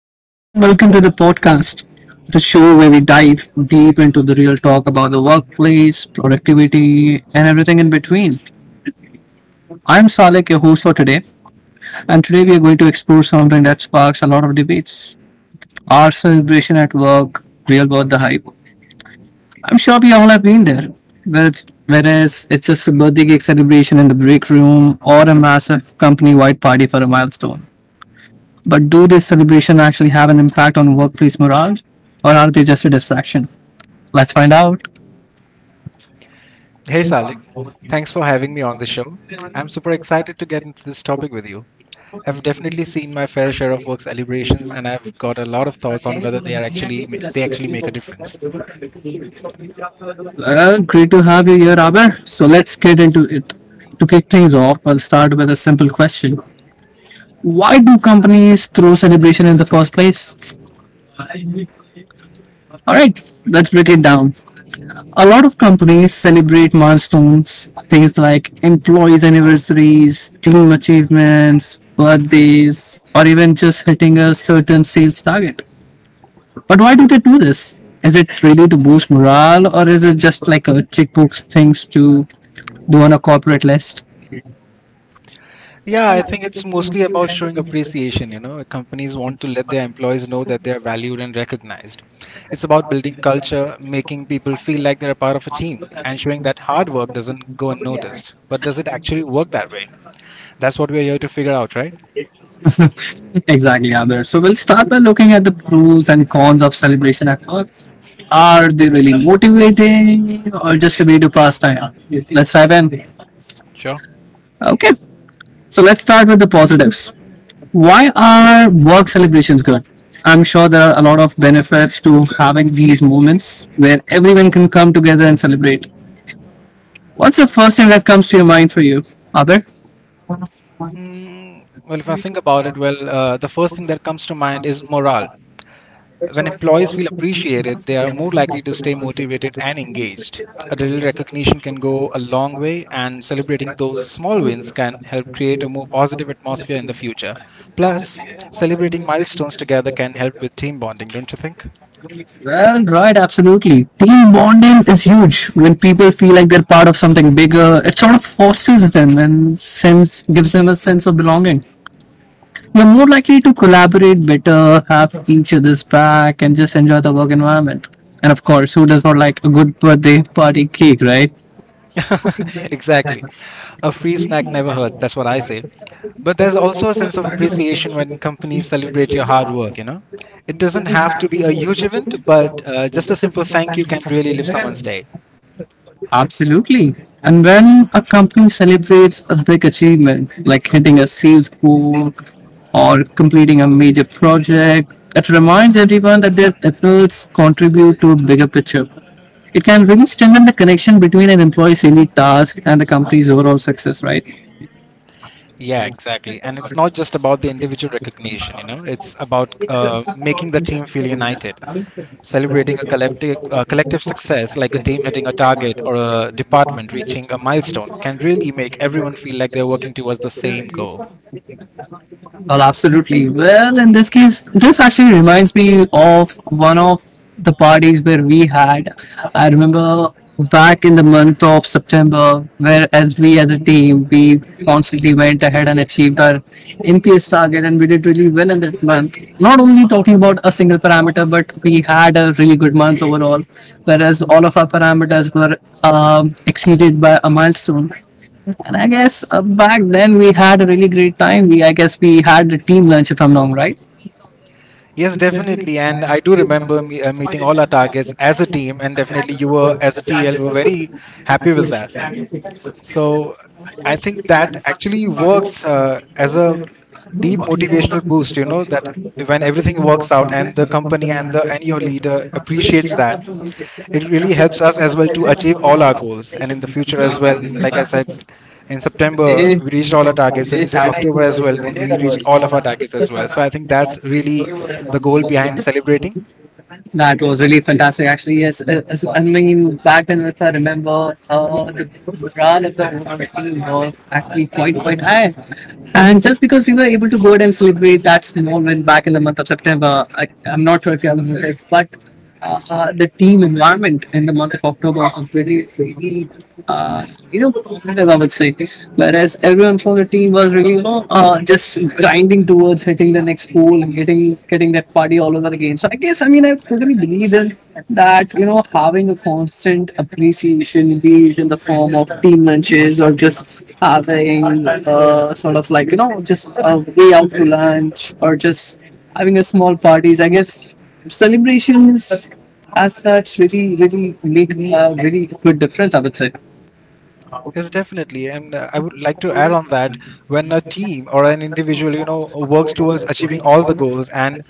Hello, everyone, and welcome to the podcast, the show where we dive deep into the real talk about the workplace, productivity, and everything in between. I'm Salek, your host for today, and today we are going to explore something that sparks a lot of debates our celebration at work, real world, the hype. I'm sure we all have been there, whereas it's just a birthday cake celebration in the break room or a massive company wide party for a milestone. But do these celebrations actually have an impact on workplace morale, or are they just a distraction? Let's find out. Hey Salik, thanks for having me on the show. I'm super excited to get into this topic with you. I've definitely seen my fair share of work celebrations and I've got a lot of thoughts on whether they actually make a Well, difference. great to have you here, Robert. So let's get into it. To kick things off, I'll start with a simple question. Why do companies throw celebration in the first place? All right, let's break it down. A lot of companies celebrate milestones, things like employees' anniversaries, team achievements, birthdays, or even just hitting a certain sales target. But why do they do this? Is it really to boost morale, or is it just like a checkbox things to do on a corporate list? Yeah, I think it's mostly about showing appreciation, you know. Companies want to let their employees know that they're valued and recognized. It's about building culture, making people feel like they're a part of a team and showing that hard work doesn't go unnoticed. But does it actually work that way? That's what we're here to figure out, right? Exactly, Abir. So we'll start by looking at the pros and cons of celebration at work. Are they really motivating, or just a way to pass time? Let's dive in. Sure. Okay. So let's start with the positives. Why are work celebrations good? I'm sure there are a lot of benefits to having these moments where everyone can come together and celebrate. What's the first thing that comes to your mind for you, Abir? Mm, well, if I think about it, well, the first thing that comes to mind is morale. When employees feel appreciated, they are more likely to stay motivated and engaged. A little recognition can go a long way, and celebrating those small wins can help create a more positive atmosphere in the future. Plus, celebrating milestones together can help with team bonding, don't you think? Well, right, absolutely. Team bonding is huge. When people feel like they're part of something bigger, it sort of forces them and sense gives them a sense of belonging. You're more likely to collaborate better, have each other's back, and just enjoy the work environment. And of course, who does not like a good birthday party cake, right? Exactly. A free snack never hurts, that's what I say. But there's also a sense of appreciation when companies celebrate your hard work, you know? It doesn't have to be a huge event, but just a simple thank you can really lift someone's day. Absolutely. And when a company celebrates a big achievement, like hitting a sales goal or completing a major project, it reminds everyone that their efforts contribute to a bigger picture. It can really strengthen the connection between an employee's daily task and the company's overall success, right? Yeah, exactly. And it's not just about the individual recognition, you know, it's about making the team feel united, celebrating a collective success like a team hitting a target or a department reaching a milestone can really make everyone feel like they're working towards the same goal. Well, absolutely. Well, in this case, this actually reminds me of one of the parties where we had. I remember back in the month of September, where as we as a team, we constantly went ahead and achieved our NPS target, and we did really well in that month. Not only talking about a single parameter, but we had a really good month overall, whereas all of our parameters were exceeded by a milestone. And I guess back then we had a really great time. I guess we had a team lunch, if I'm not wrong, right? Yes, definitely. And I do remember me, meeting all our targets as a team, and definitely you were, as a TL, were very happy with that. So I think that actually works as a deep motivational boost, you know, that when everything works out and the company and your leader appreciates that it really helps us as well to achieve all our goals and in the future as well, like I said, in September we reached all our targets. October as well, we reached all of our targets as well. So I think that's really the goal behind celebrating. That was really fantastic, actually. Yes, I mean, back then, if I remember, the morale of the whole team was actually quite high. And just because we were able to go ahead and celebrate that moment back in the month of September, I'm not sure if you have noticed, but the team environment in the month of October was really, uh, you know, competitive, I would say. Whereas everyone from the team was really, you know, just grinding towards hitting the next goal and getting that party all over again. So I guess, I mean, I totally believe in that you know having a constant appreciation be it in the form of team lunches or just having sort of like you know just a way out to lunch or just having a small parties I guess celebrations as such really really make a really good difference I would say. Yes, definitely. And I would like to add on that when a team or an individual, you know, works towards achieving all the goals and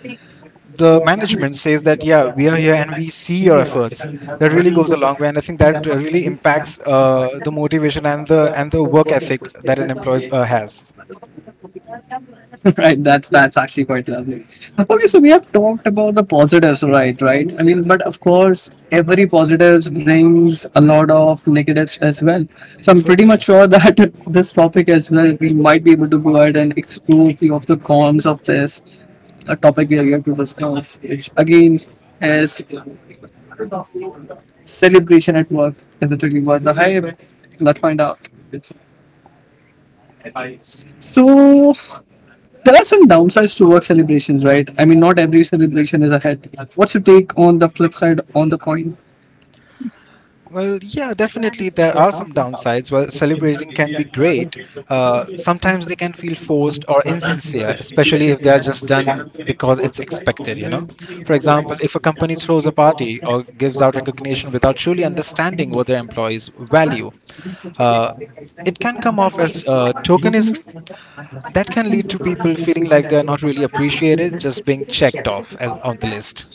the management says that, yeah, we are here and we see your efforts, that really goes a long way. And I think that really impacts the motivation and the work ethic that an employee has. Right, that's actually quite lovely. Okay, so we have talked about the positives, right? Right, I mean, but of course every positives brings a lot of negatives as well. So I'm pretty Certainly. much sure that this topic as well we might be able to go ahead and explore few of the cons of this topic we are here to discuss, which again is celebration at work. Is it really worth the hype? Let's find out. So there are some downsides to work celebrations, right? I mean, not every celebration is a hit. What's your take on the flip side on the coin? Well, yeah, definitely there are some downsides. While celebrating can be great, sometimes they can feel forced or insincere, especially if they are just done because it's expected, you know? For example, if a company throws a party or gives out recognition without truly understanding what their employees value, uh, it can come off as tokenism. That can lead to people feeling like they're not really appreciated, just being checked off as on the list.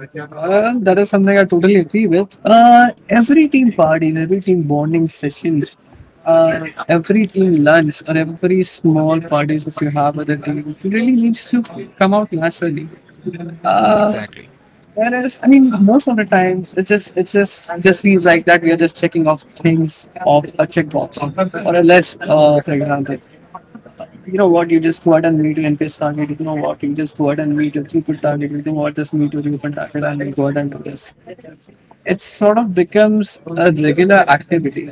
That is something I totally agree with. Every team parties, every team bonding sessions, every team lunch, or every small parties which you have with the team, it really needs to come out naturally. Uh, Exactly. whereas, I mean, most of the times, it just feels like that we are just checking off things off a checkbox or a list, for example. You know what, you just go out and meet your NPS target, you know what, you just go out and meet your throughput target, you know what, just meet your throughput target and you go out and do this. It sort of becomes a regular activity,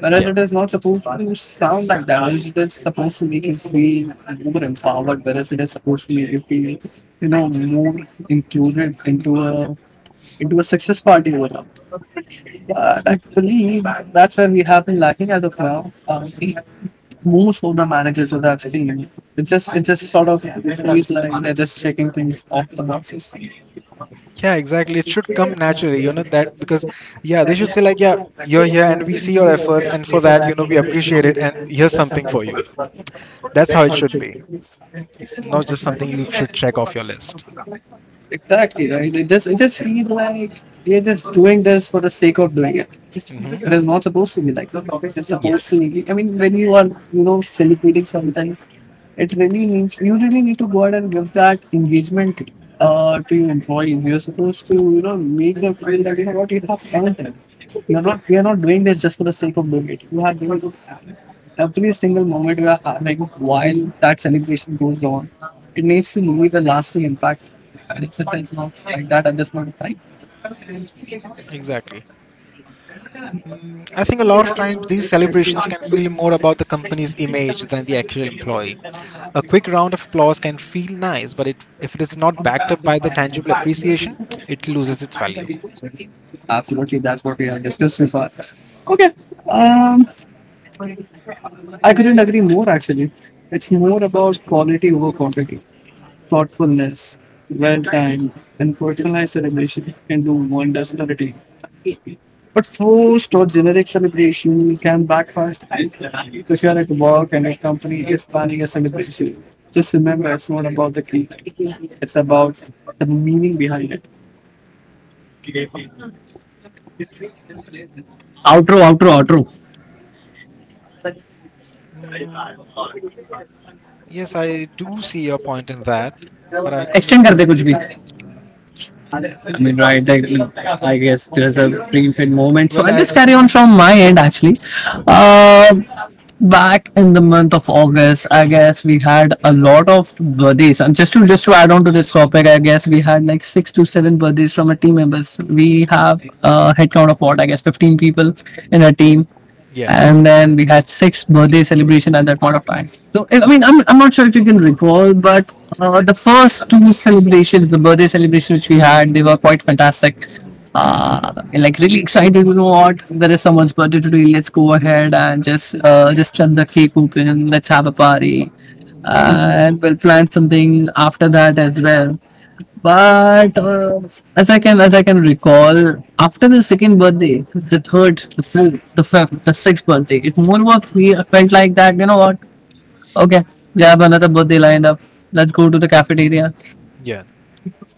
whereas Yeah. it is not supposed to sound like that. It is supposed to make you feel more empowered, whereas it is supposed to make you feel, you know, more included into a success party overall. But I believe that's where we have been lacking as of now. Most of the managers that I've seen, it just sort of it feels like they're just checking things off the boxes. Yeah, exactly. It should come naturally, you know, that because, yeah, they should say, like, yeah, you're here and we see your efforts, and for that, you know, we appreciate it, and here's something for you. That's how it should be, not just something you should check off your list. Exactly right. It just feels like they're just doing this for the sake of doing it. It Hmm. is not supposed to be like that. It's supposed to Yes, be. I mean, when you are you know celebrating something, it really needs you really need to go out and give that engagement to your employees. You're supposed to you know make them feel that you know what you have earned it. You're not We are not doing this just for the sake of doing it. You have doing it every single moment we are having while that celebration goes on, it needs to leave a lasting impact. And if it is not like that at this point of time, exactly. Mm, I think a lot of times these celebrations can feel more about the company's image than the actual employee. A quick round of applause can feel nice, if it is not backed up by the tangible appreciation, it loses its value. absolutely that's what we have discussed so far. Okay, um, I couldn't agree more actually. It's more about quality over quantity, thoughtfulness, well time and personalized celebration can do wonders for the team. But forced or generic celebration can backfire. So if you are at work and your company is planning a celebration, just remember it's not about the cake. It's about the meaning behind it. Outro outro outro Yes, I do see your point in that, but I could not. Extend कर दे कुछ भी I mean, right? I guess there's a pre-fed moment. So Well, I'll I just carry on think, from my end actually. Uh, back in the month of August, I guess we had a lot of birthdays. And just to add on to this topic, I guess we had like six to seven birthdays from our team members. We have a headcount of what I guess 15 people in our yeah, team, and then we had six birthday celebration at that point of time. So I mean, I'm not sure if you can recall, but the first two celebrations, the birthday celebrations which we had, they were quite fantastic. Like really excited, you know what? There is someone's birthday today. Let's go ahead and just cut the cake open. Let's have a party, and we'll plan something after that as well. But as I can recall, after the second birthday, the third, the fourth, the fifth, the sixth birthday, it more was we felt like that. You know what? Okay, we have another birthday lined up. Let's go to the cafeteria, yeah,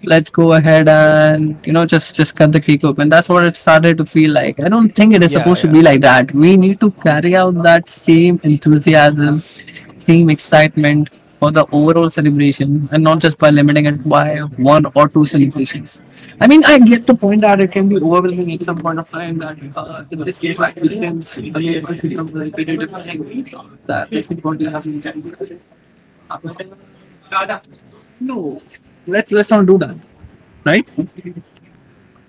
let's go ahead and you know just cut the cake open. That's what it started to feel like. I don't think it is yeah, supposed to yeah, be like that. We need to carry out that same enthusiasm, same excitement for the overall celebration and not just by limiting it by one or two celebrations. I mean, I get the point that it can that basically what you have in mind. Let's not do that, right?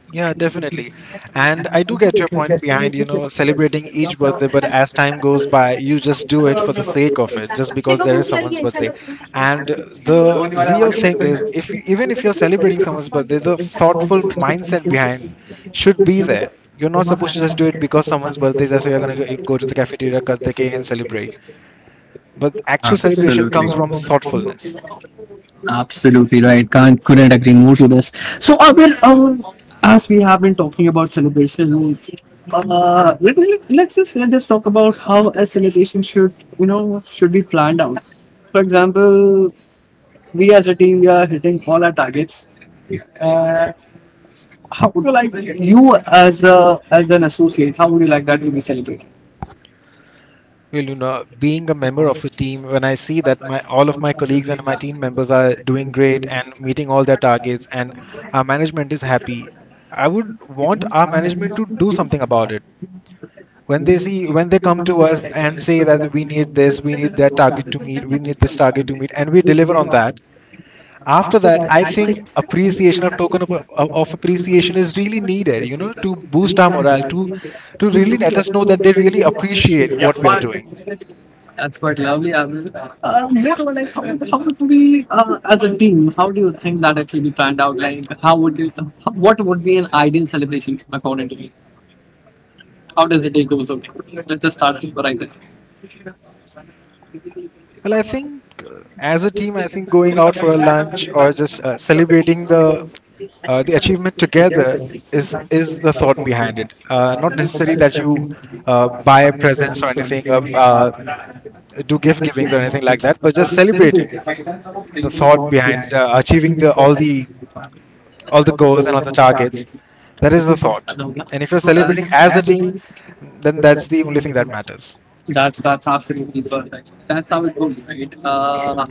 yeah, definitely. And I do get your point behind, you know, celebrating each birthday, but as time goes by, you just do it for the sake of it, just because there is someone's birthday. And the real thing is, if you, even if you're celebrating someone's birthday, the thoughtful mindset behind should be there. You're not supposed to just do it because someone's birthday is there, so you're go to the cafeteria, cut the cake, and celebrate. But actual celebration comes from thoughtfulness. Absolutely right. Can't couldn't agree more to this. So, as we have been talking about celebration, let me, let's just talk about how a celebration should you know should be planned out. For example, we as a team we are hitting all our targets. How would you like you as a as an associate? How would you like that to be celebrated? Well, you know, being a member of a team, when I see that my all of my colleagues and my team members are doing great and meeting all their targets, and our management is happy, I would want our management to do something about it. When they come to us and say that we need this, we need that target to meet, we need this target to meet, and we deliver on that. After that, I think appreciation of token of appreciation is really needed. You know, to boost our morale, to really let us know that they really appreciate what we are doing. That's quite lovely. I mean, more or like how would we, as a team, how do you think that it should be planned out? Like, how would you, what would be an ideal celebration according to you? How does the day goes okay? Let's just start with right there. Well, I think as a team, I think going out for a lunch or just celebrating the achievement together is the thought behind it. Not necessarily that you buy presents or anything, do gift givings or anything like that, but just celebrating the thought behind achieving the all the goals and all the targets. That is the thought. Alhamdulillah. And if you're celebrating as a team, then that's the only thing that matters. That's absolutely perfect. That's how it goes, right? Uh,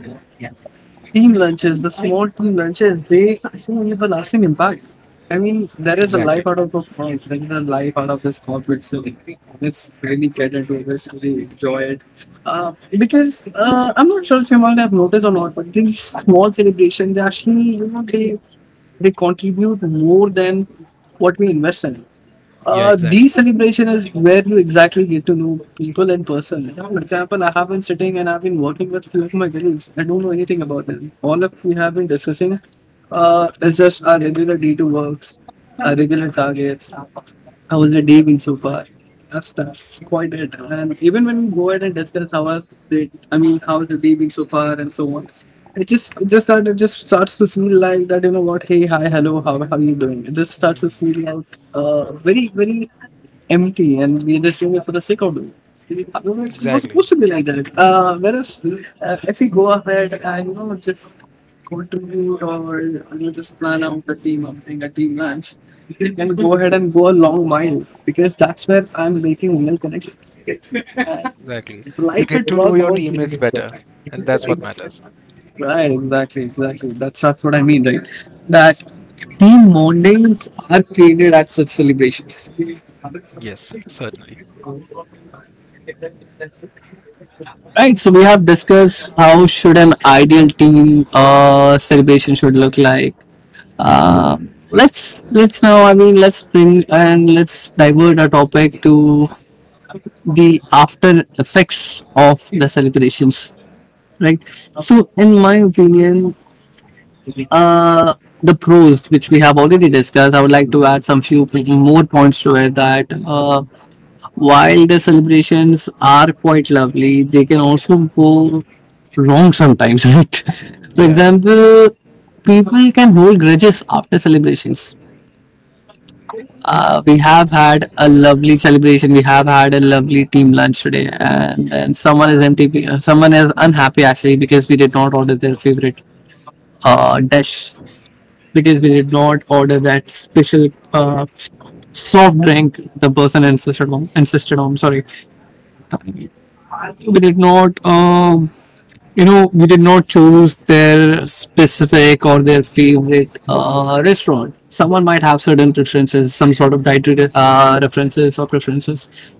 Team lunches, the small team lunches, they actually have a lasting impact. I mean, there is a Exactly. life out of a farm, there is a life out of this corporate setting. Let's really get into it, let's really enjoy it. Because I'm not sure if you might have noticed or not, but these small celebrations, they actually, you know, they contribute more than what we invest in. Yeah. The Exactly. celebration is where you exactly get to know people in person. You know, for example, I have been sitting and I've been working with few of my colleagues. I don't know anything about them. All of we have been discussing is just our regular day-to-works, our regular targets. How was your day been so far? That's quite it. And even when we go ahead and discuss how our day, I mean, how's your day been so far and so on. It just starts to feel like that you know what? Hey, hi, hello, how you doing? It just starts to Mm, feel like very very empty, and we're just doing it for the sake of doing. It. However, it's not exactly. supposed to be like that. Whereas if we go ahead and you know just go to or you know, just plan out the team up, doing a team lunch you can go ahead and go a long mile because that's where I'm making real connections. Exactly. And You life get at to know work, your teammates better, and that's what ex- matters. right? Exactly, exactly. That's what I mean, right? That team mornings are created at such celebrations. Yes, certainly. Right, so we have discussed how should an ideal team celebration should look like. Um let's let's now, I mean, let's bring and let's divert our topic to the after effects of the celebrations. Right, so in my opinion, uh the pros which we have already discussed, I would like to add some few more points to it. That while the celebrations are quite lovely, they can also go wrong sometimes. Right, for Yeah. example, people can hold grudges after celebrations. We have had a lovely celebration. We have had a lovely team lunch today, and then someone is MTP. Someone is unhappy actually because we did not order their favorite dish, because we did not order that special uh, soft drink the person insisted on. Insisted on. Sorry, we did not. You know, we did not choose their specific or their favorite restaurant. Someone might have certain preferences, some sort of dietary references or preferences.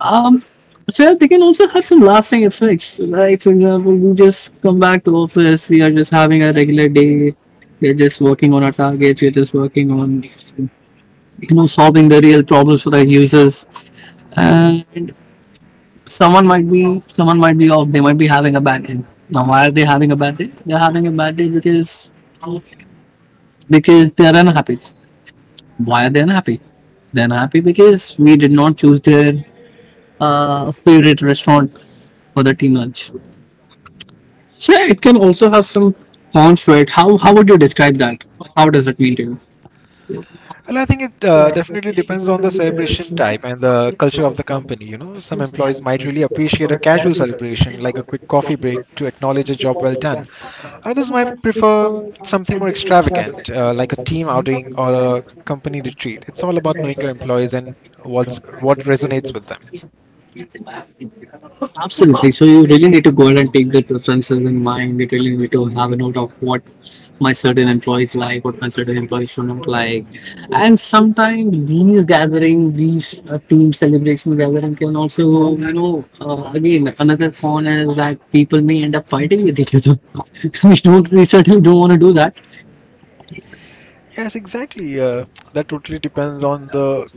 Um, so they can also have some lasting effects. Like, for example, we just come back to office, we are just having a regular day, we're just working on our targets, we're just working on, you know, solving the real problems for the users. And someone might be off, they might be having a bad day. Now, why are they having a bad day? They're having a bad day because they're unhappy. Why are they unhappy? They're unhappy because we did not choose their favorite restaurant for the team lunch. So yeah, it can also have some cons to it. How would you describe that? How does it mean to you? Well, I think it definitely depends on the celebration type and the culture of the company. You know, some employees might really appreciate a casual celebration, like a quick coffee break to acknowledge a job well done. Others might prefer something more extravagant, like a team outing or a company retreat. It's all about knowing your employees and what resonates with them. Absolutely. So you really need to go ahead and take the preferences in mind. You really need to have a note of what my certain employees like, what my certain employees do not like. And sometimes these gathering, these team celebration gathering can also, you know, again, another con is that people may end up fighting with each other. We certainly don't want to do that. Yes, exactly. That totally depends on the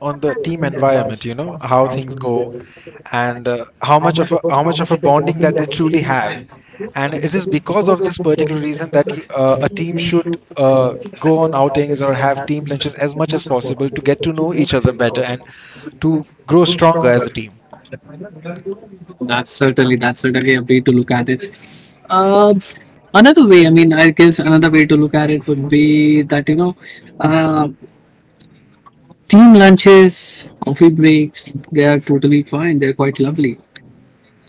team environment, you know, how things go and how much of a bonding that they truly have. And it is because of this particular reason that a team should go on outings or have team lunches as much as possible to get to know each other better and to grow stronger as a team. That's certainly a way to look at it. Uh, another way, I mean, I guess another way to look at it would be that, you know, uh, team lunches, coffee breaks, they are totally fine. They're quite lovely.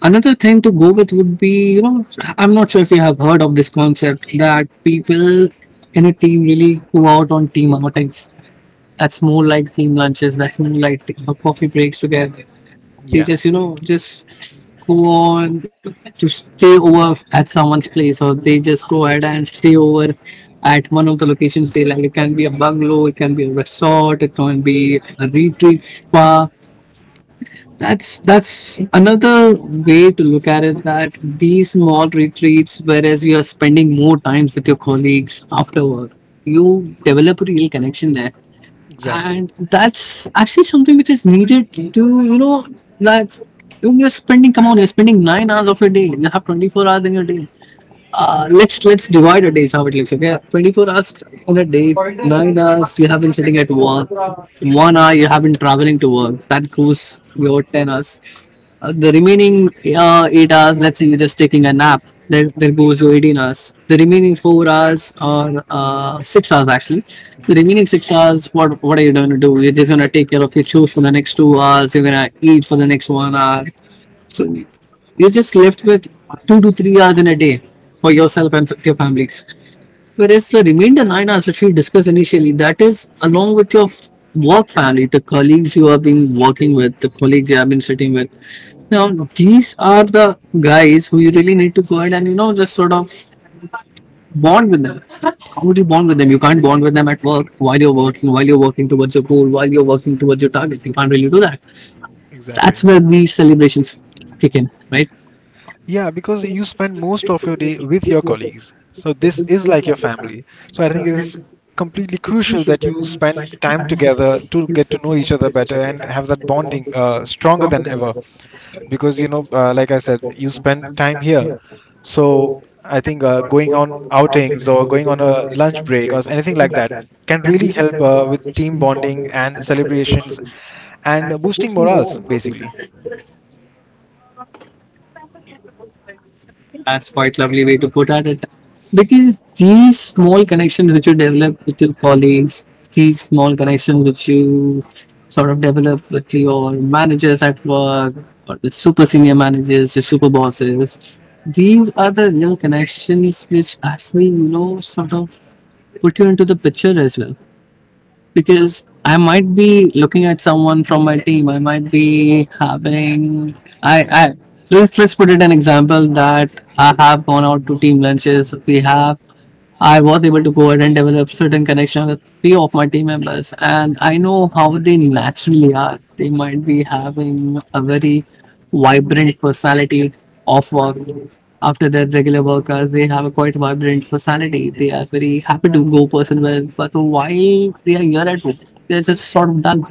Another thing to go with would be, you know, I'm not sure if you have heard of this concept that people in a team really go out on team outings. That's more like team lunches, that's more like coffee breaks together. They Yeah, just, you know, just go on to stay over at someone's place, or they just go ahead and stay over at one of the locations they like. It can be a bungalow, it can be a resort, it can be a retreat spa. That's another way to look at it. That these small retreats, whereas you are spending more times with your colleagues after work, you develop a real connection there, exactly. and that's actually something which is needed to, you know, that when you're spending, come on, you're spending 9 hours of your day. You have 24 hours in your day. Let's divide a day is how it looks, okay? 24 hours in a day, 9 hours you have been sitting at work, 1 hour you have been traveling to work. That goes your 10 hours. The remaining 8 hours, let's say you're just taking a nap, there goes your 18 hours. The remaining 4 hours, or 6 hours actually, the remaining 6 hours, what are you going to do? You're just going to take care of your chores for the next 2 hours. You're going to eat for the next 1 hour. So you're just left with 2 to 3 hours in a day for yourself and for your family. Whereas the remainder 9 hours, which we discussed initially, that is along with your work family, the colleagues you have been working with, the colleagues you have been sitting with, now, these are the guys who you really need to go ahead and, you know, just sort of bond with them. How would you bond with them? You can't bond with them at work while you're working towards your goal, while you're working towards your target. You can't really do that. That's Exactly. where these celebrations kick in, right? Yeah, because you spend most of your day with your colleagues. So this is like your family. So I think it is completely crucial that you spend time together to get to know each other better and have that bonding stronger than ever. Because you know, like I said, you spend time here. So I think going on outings or going on a lunch break or anything like that can really help with team bonding and celebrations and boosting morals, basically. That's quite lovely way to put at it. Because these small connections which you develop with your colleagues, these small connections which you sort of develop with your managers at work, or the super senior managers, your super bosses, these are the real connections which actually, you know, sort of put you into the picture as well, because I might be looking at someone from my team. I might be having I let's put it an example that I have gone out to team lunches. We have I was able to go ahead and develop certain connection with few of my team members, and I know how they naturally are. They might be having a very vibrant personality off work. After their regular work hours, they have a quite vibrant personality. They are very happy to go person well, but while they are here at work, they're just sort of done.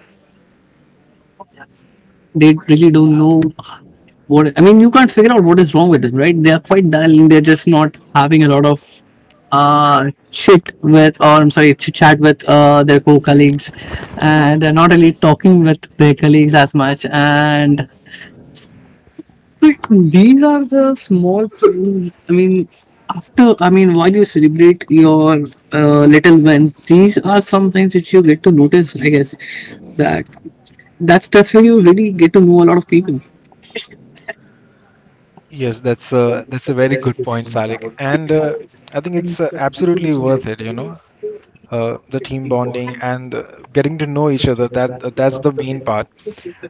They really don't know what I mean. You can't figure out what is wrong with them, right? They are quite dull. They're just not having a lot of sit with, or I'm sorry, to chat with their co colleagues. And they're not really talking with their colleagues as much. And these are the small things. I mean, after, I mean, while you celebrate your little wins, these are some things which you get to notice, I guess. That that's where you really get to know a lot of people. Yes, that's a very good point, Salik. And I think it's absolutely worth it, you know, the team bonding and getting to know each other. That's the main part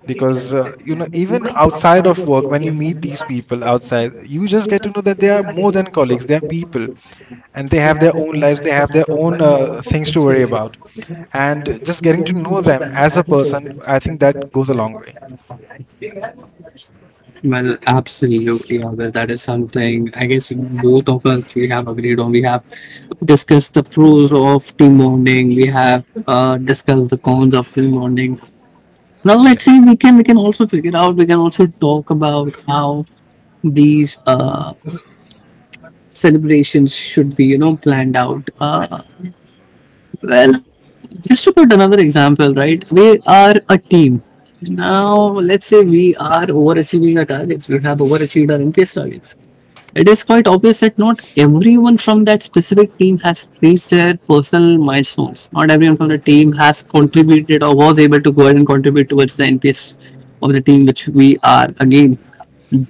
because you know, even outside of work, when you meet these people outside, you just get to know that they are more than colleagues. They are people, and they have their own lives. They have their own things to worry about. And just getting to know them as a person, I think that goes a long way. Well, absolutely, Albert. That is something I guess both of us we have agreed on. We have discussed the pros of team bonding. We have discussed the cons of team bonding. Now let's Yes. see. We can also figure out. We can also talk about how these celebrations should be, you know, planned out. Well, just to put another example, right? We are a team. Now, let's say we are overachieving our targets. We have overachieved our MPS targets. It is quite obvious that not everyone from that specific team has reached their personal milestones. Not everyone from the team has contributed or was able to go ahead and contribute towards the NPS of the team, which we are again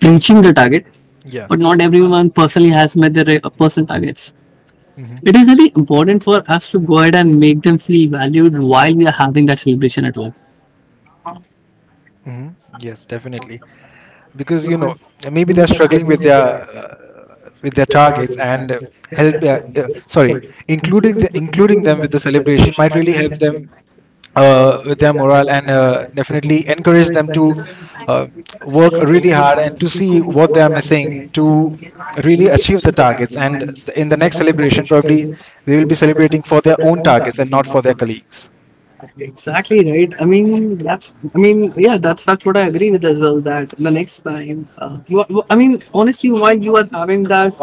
breaching the target. Yeah. But not everyone personally has met their personal targets. It Hmm. is really important for us to go ahead and make them feel valued while we are having that celebration at work. Hmm. Yes, definitely. Because you know, maybe they're struggling with their targets and help sorry including including them with the celebration might really help them with their morale and definitely encourage them to uh, work really hard and to see what they are missing to really achieve the targets, and in the next celebration probably they will be celebrating for their own targets and not for their colleagues. Exactly right. I mean, that's. I mean, yeah, that's what I agree with as well. That the next time, you. Are, I mean, honestly, while you are having that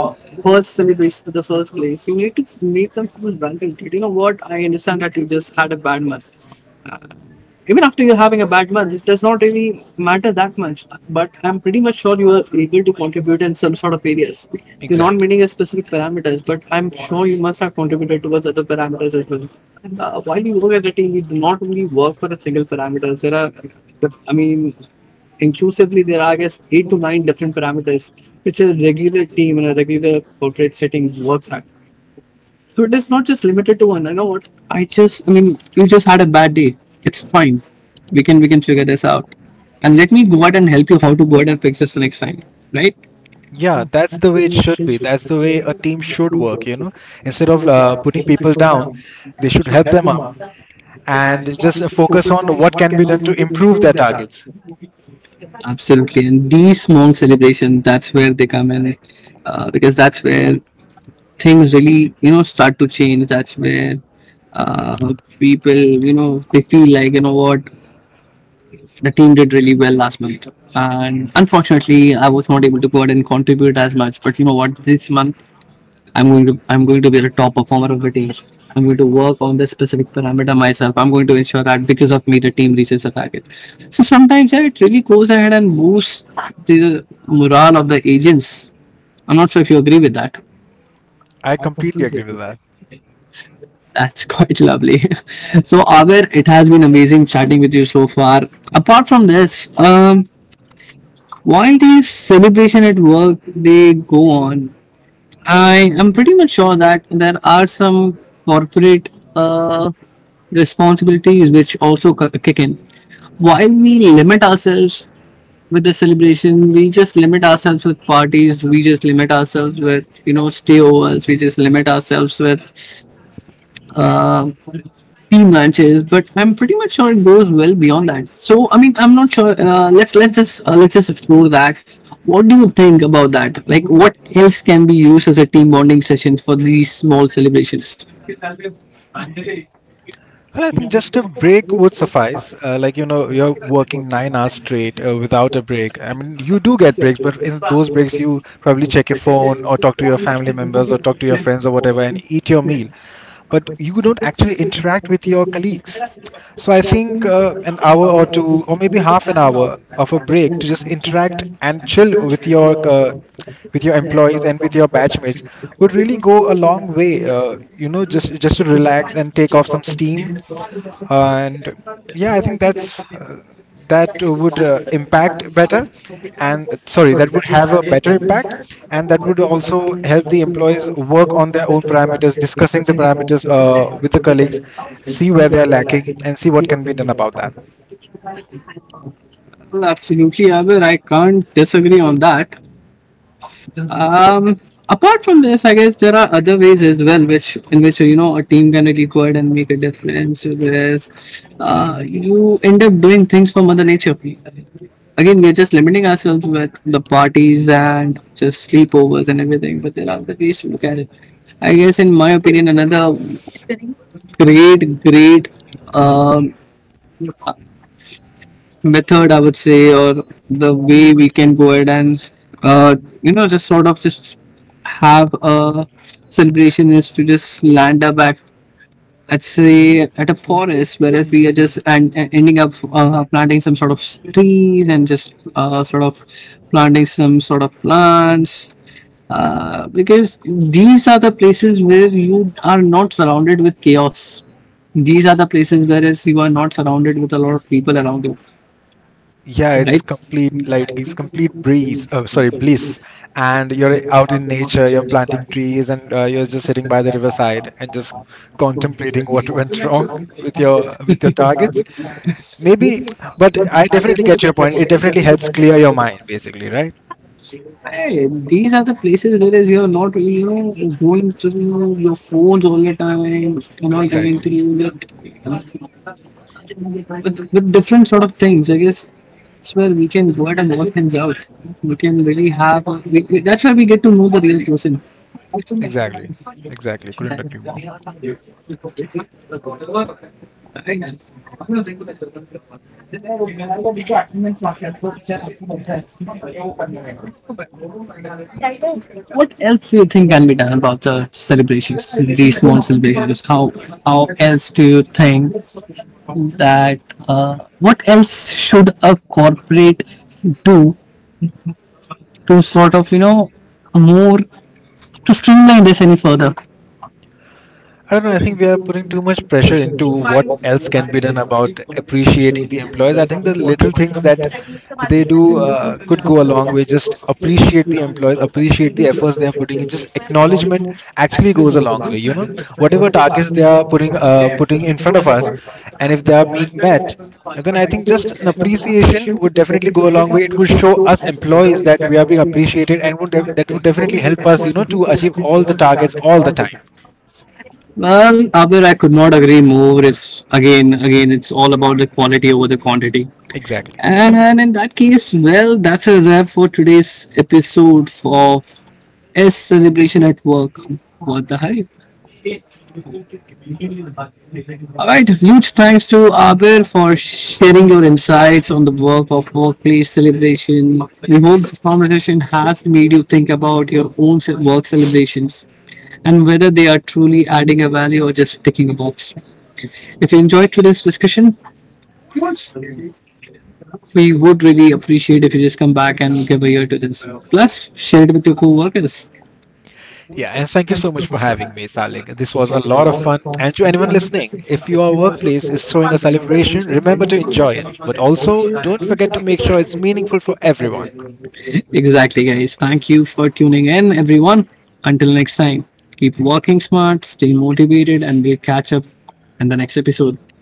first celebration for the first place, you need to make them feel validated. You know what? I understand that you just had a bad month. Uh, Even after you're having a bad month, it does not really matter that much. But I'm pretty much sure you are able to contribute in some sort of areas. You're not Exactly. meeting a specific parameters, but I'm sure you must have contributed towards other parameters as well. And while you work as a team, you do not only work for a single parameters. There are, I mean, inclusively there are I guess 8 to 9 different parameters which a regular team in a regular portrait setting works at. So it is not just limited to one. I know what I just, I mean, you just had a bad day. It's fine. We can figure this out. And let me go out and help you how to go out and fix this the next time, right? Yeah, that's the way it should be. That's the way a team should work, you know. Instead of putting people down, they should help them up and just focus on what can be done to improve their targets. Absolutely, and these small celebrations, that's where they come in, because that's where things really, you know, start to change. That's where uh, people, you know, they feel like, you know what, the team did really well last month, and Mhm. unfortunately I was not able to go out and contribute as much. But you know what, this month I'm going to be the top performer of the team. I'm going to work on the specific parameter myself. I'm going to ensure that because of me the team reaches the target. So sometimes, yeah, it really goes ahead and boosts the morale of the agents. I'm not sure if you agree with that. I completely agree with that. That's quite lovely. So, Abir, it has been amazing chatting with you so far. Apart from this, while these celebration at work they go on, I am pretty much sure that there are some corporate responsibilities which also kick in. While we limit ourselves with the celebration, we just limit ourselves with parties. We just limit ourselves with, you know, stayovers. We just limit ourselves with um team lunches, but I'm pretty much sure it goes well beyond that. So I mean, I'm not sure. Let's just let's just explore that. What do you think about that? Like, what else can be used as a team bonding session for these small celebrations? Well, I think just a break would suffice. Like, you know, you're working 9 hours straight without a break. I mean, you do get breaks, but in those breaks, you probably check your phone or talk to your family members or talk to your friends or whatever and eat your meal. But you don't actually interact with your colleagues. So I think an hour or two, or maybe half an hour of a break to just interact and chill with your employees and with your batchmates would really go a long way. You know, just to relax and take off some steam. And yeah, I think that would impact better, and sorry, that would have a better impact. And that would also help the employees work on their own parameters, discussing the parameters with the colleagues, see where they're lacking and see what can be done about that. Well, absolutely, Abir. I can't disagree on that. Um, apart from this, I guess there are other ways as well, which in which, you know, a team can be required and make a difference. Whereas, you end up doing things for Mother Nature. Again, we're just limiting ourselves with the parties and just sleepovers and everything. But there are other ways to look at it. I guess, in my opinion, another great um, method, I would say, or the way we can go ahead and uh, you know, just sort of just have a celebration is to just land up at, let's say, at a forest where we are just and ending up planting some sort of trees and just sort of planting some sort of plants, because these are the places where you are not surrounded with chaos. These are the places whereas you are not surrounded with a lot of people around you, right? It's complete breeze sorry bliss. And you're out in nature, you're planting trees and you're just sitting by the riverside and just contemplating what went wrong with your targets. Maybe, but I definitely get your point. It definitely helps clear your mind, basically, right? Hey, these are the places where is you're not really, you know, going through your phones all the time, you're not going Exactly. through with, with different sort of things. I guess that's where we can go out and work things out. We can really have, that's where we get to know the real person. Exactly. Exactly. Couldn't agree more. What else do you think can be done about the celebrations, these small celebrations? How else do you think that, what else should a corporate do to sort of, you know, more to streamline this any further? I don't know. I think we are putting too much pressure into what else can be done about appreciating the employees. I think the little things that they do could go a long way. Just appreciate the employees, appreciate the efforts they are putting in. Just acknowledgement actually goes a long way. You know, whatever targets they are putting in front of us, and if they are being met, then I think just an appreciation would definitely go a long way. It would show us employees that we are being appreciated, and that would definitely help us, you know, to achieve all the targets all the time. Well, Abir, I could not agree more. If again, it's all about the quality over the quantity. Exactly. And in that case, well, that's a wrap for today's episode of S Celebration at Work. What the hype? Alright, huge thanks to Abir for sharing your insights on the work of workplace celebration. We hope this conversation has made you think about your own work celebrations and whether they are truly adding a value or just ticking a box. If you enjoyed today's discussion, we would really appreciate if you just come back and give a ear to this. Plus, share it with your co-workers. Yeah, and thank you so much for having me, Salik. This was a lot of fun. And to anyone listening, if your workplace is throwing a celebration, remember to enjoy it. But also, don't forget to make sure it's meaningful for everyone. Exactly, guys. Thank you for tuning in, everyone. Until next time, keep working smart, stay motivated, and we'll catch up in the next episode.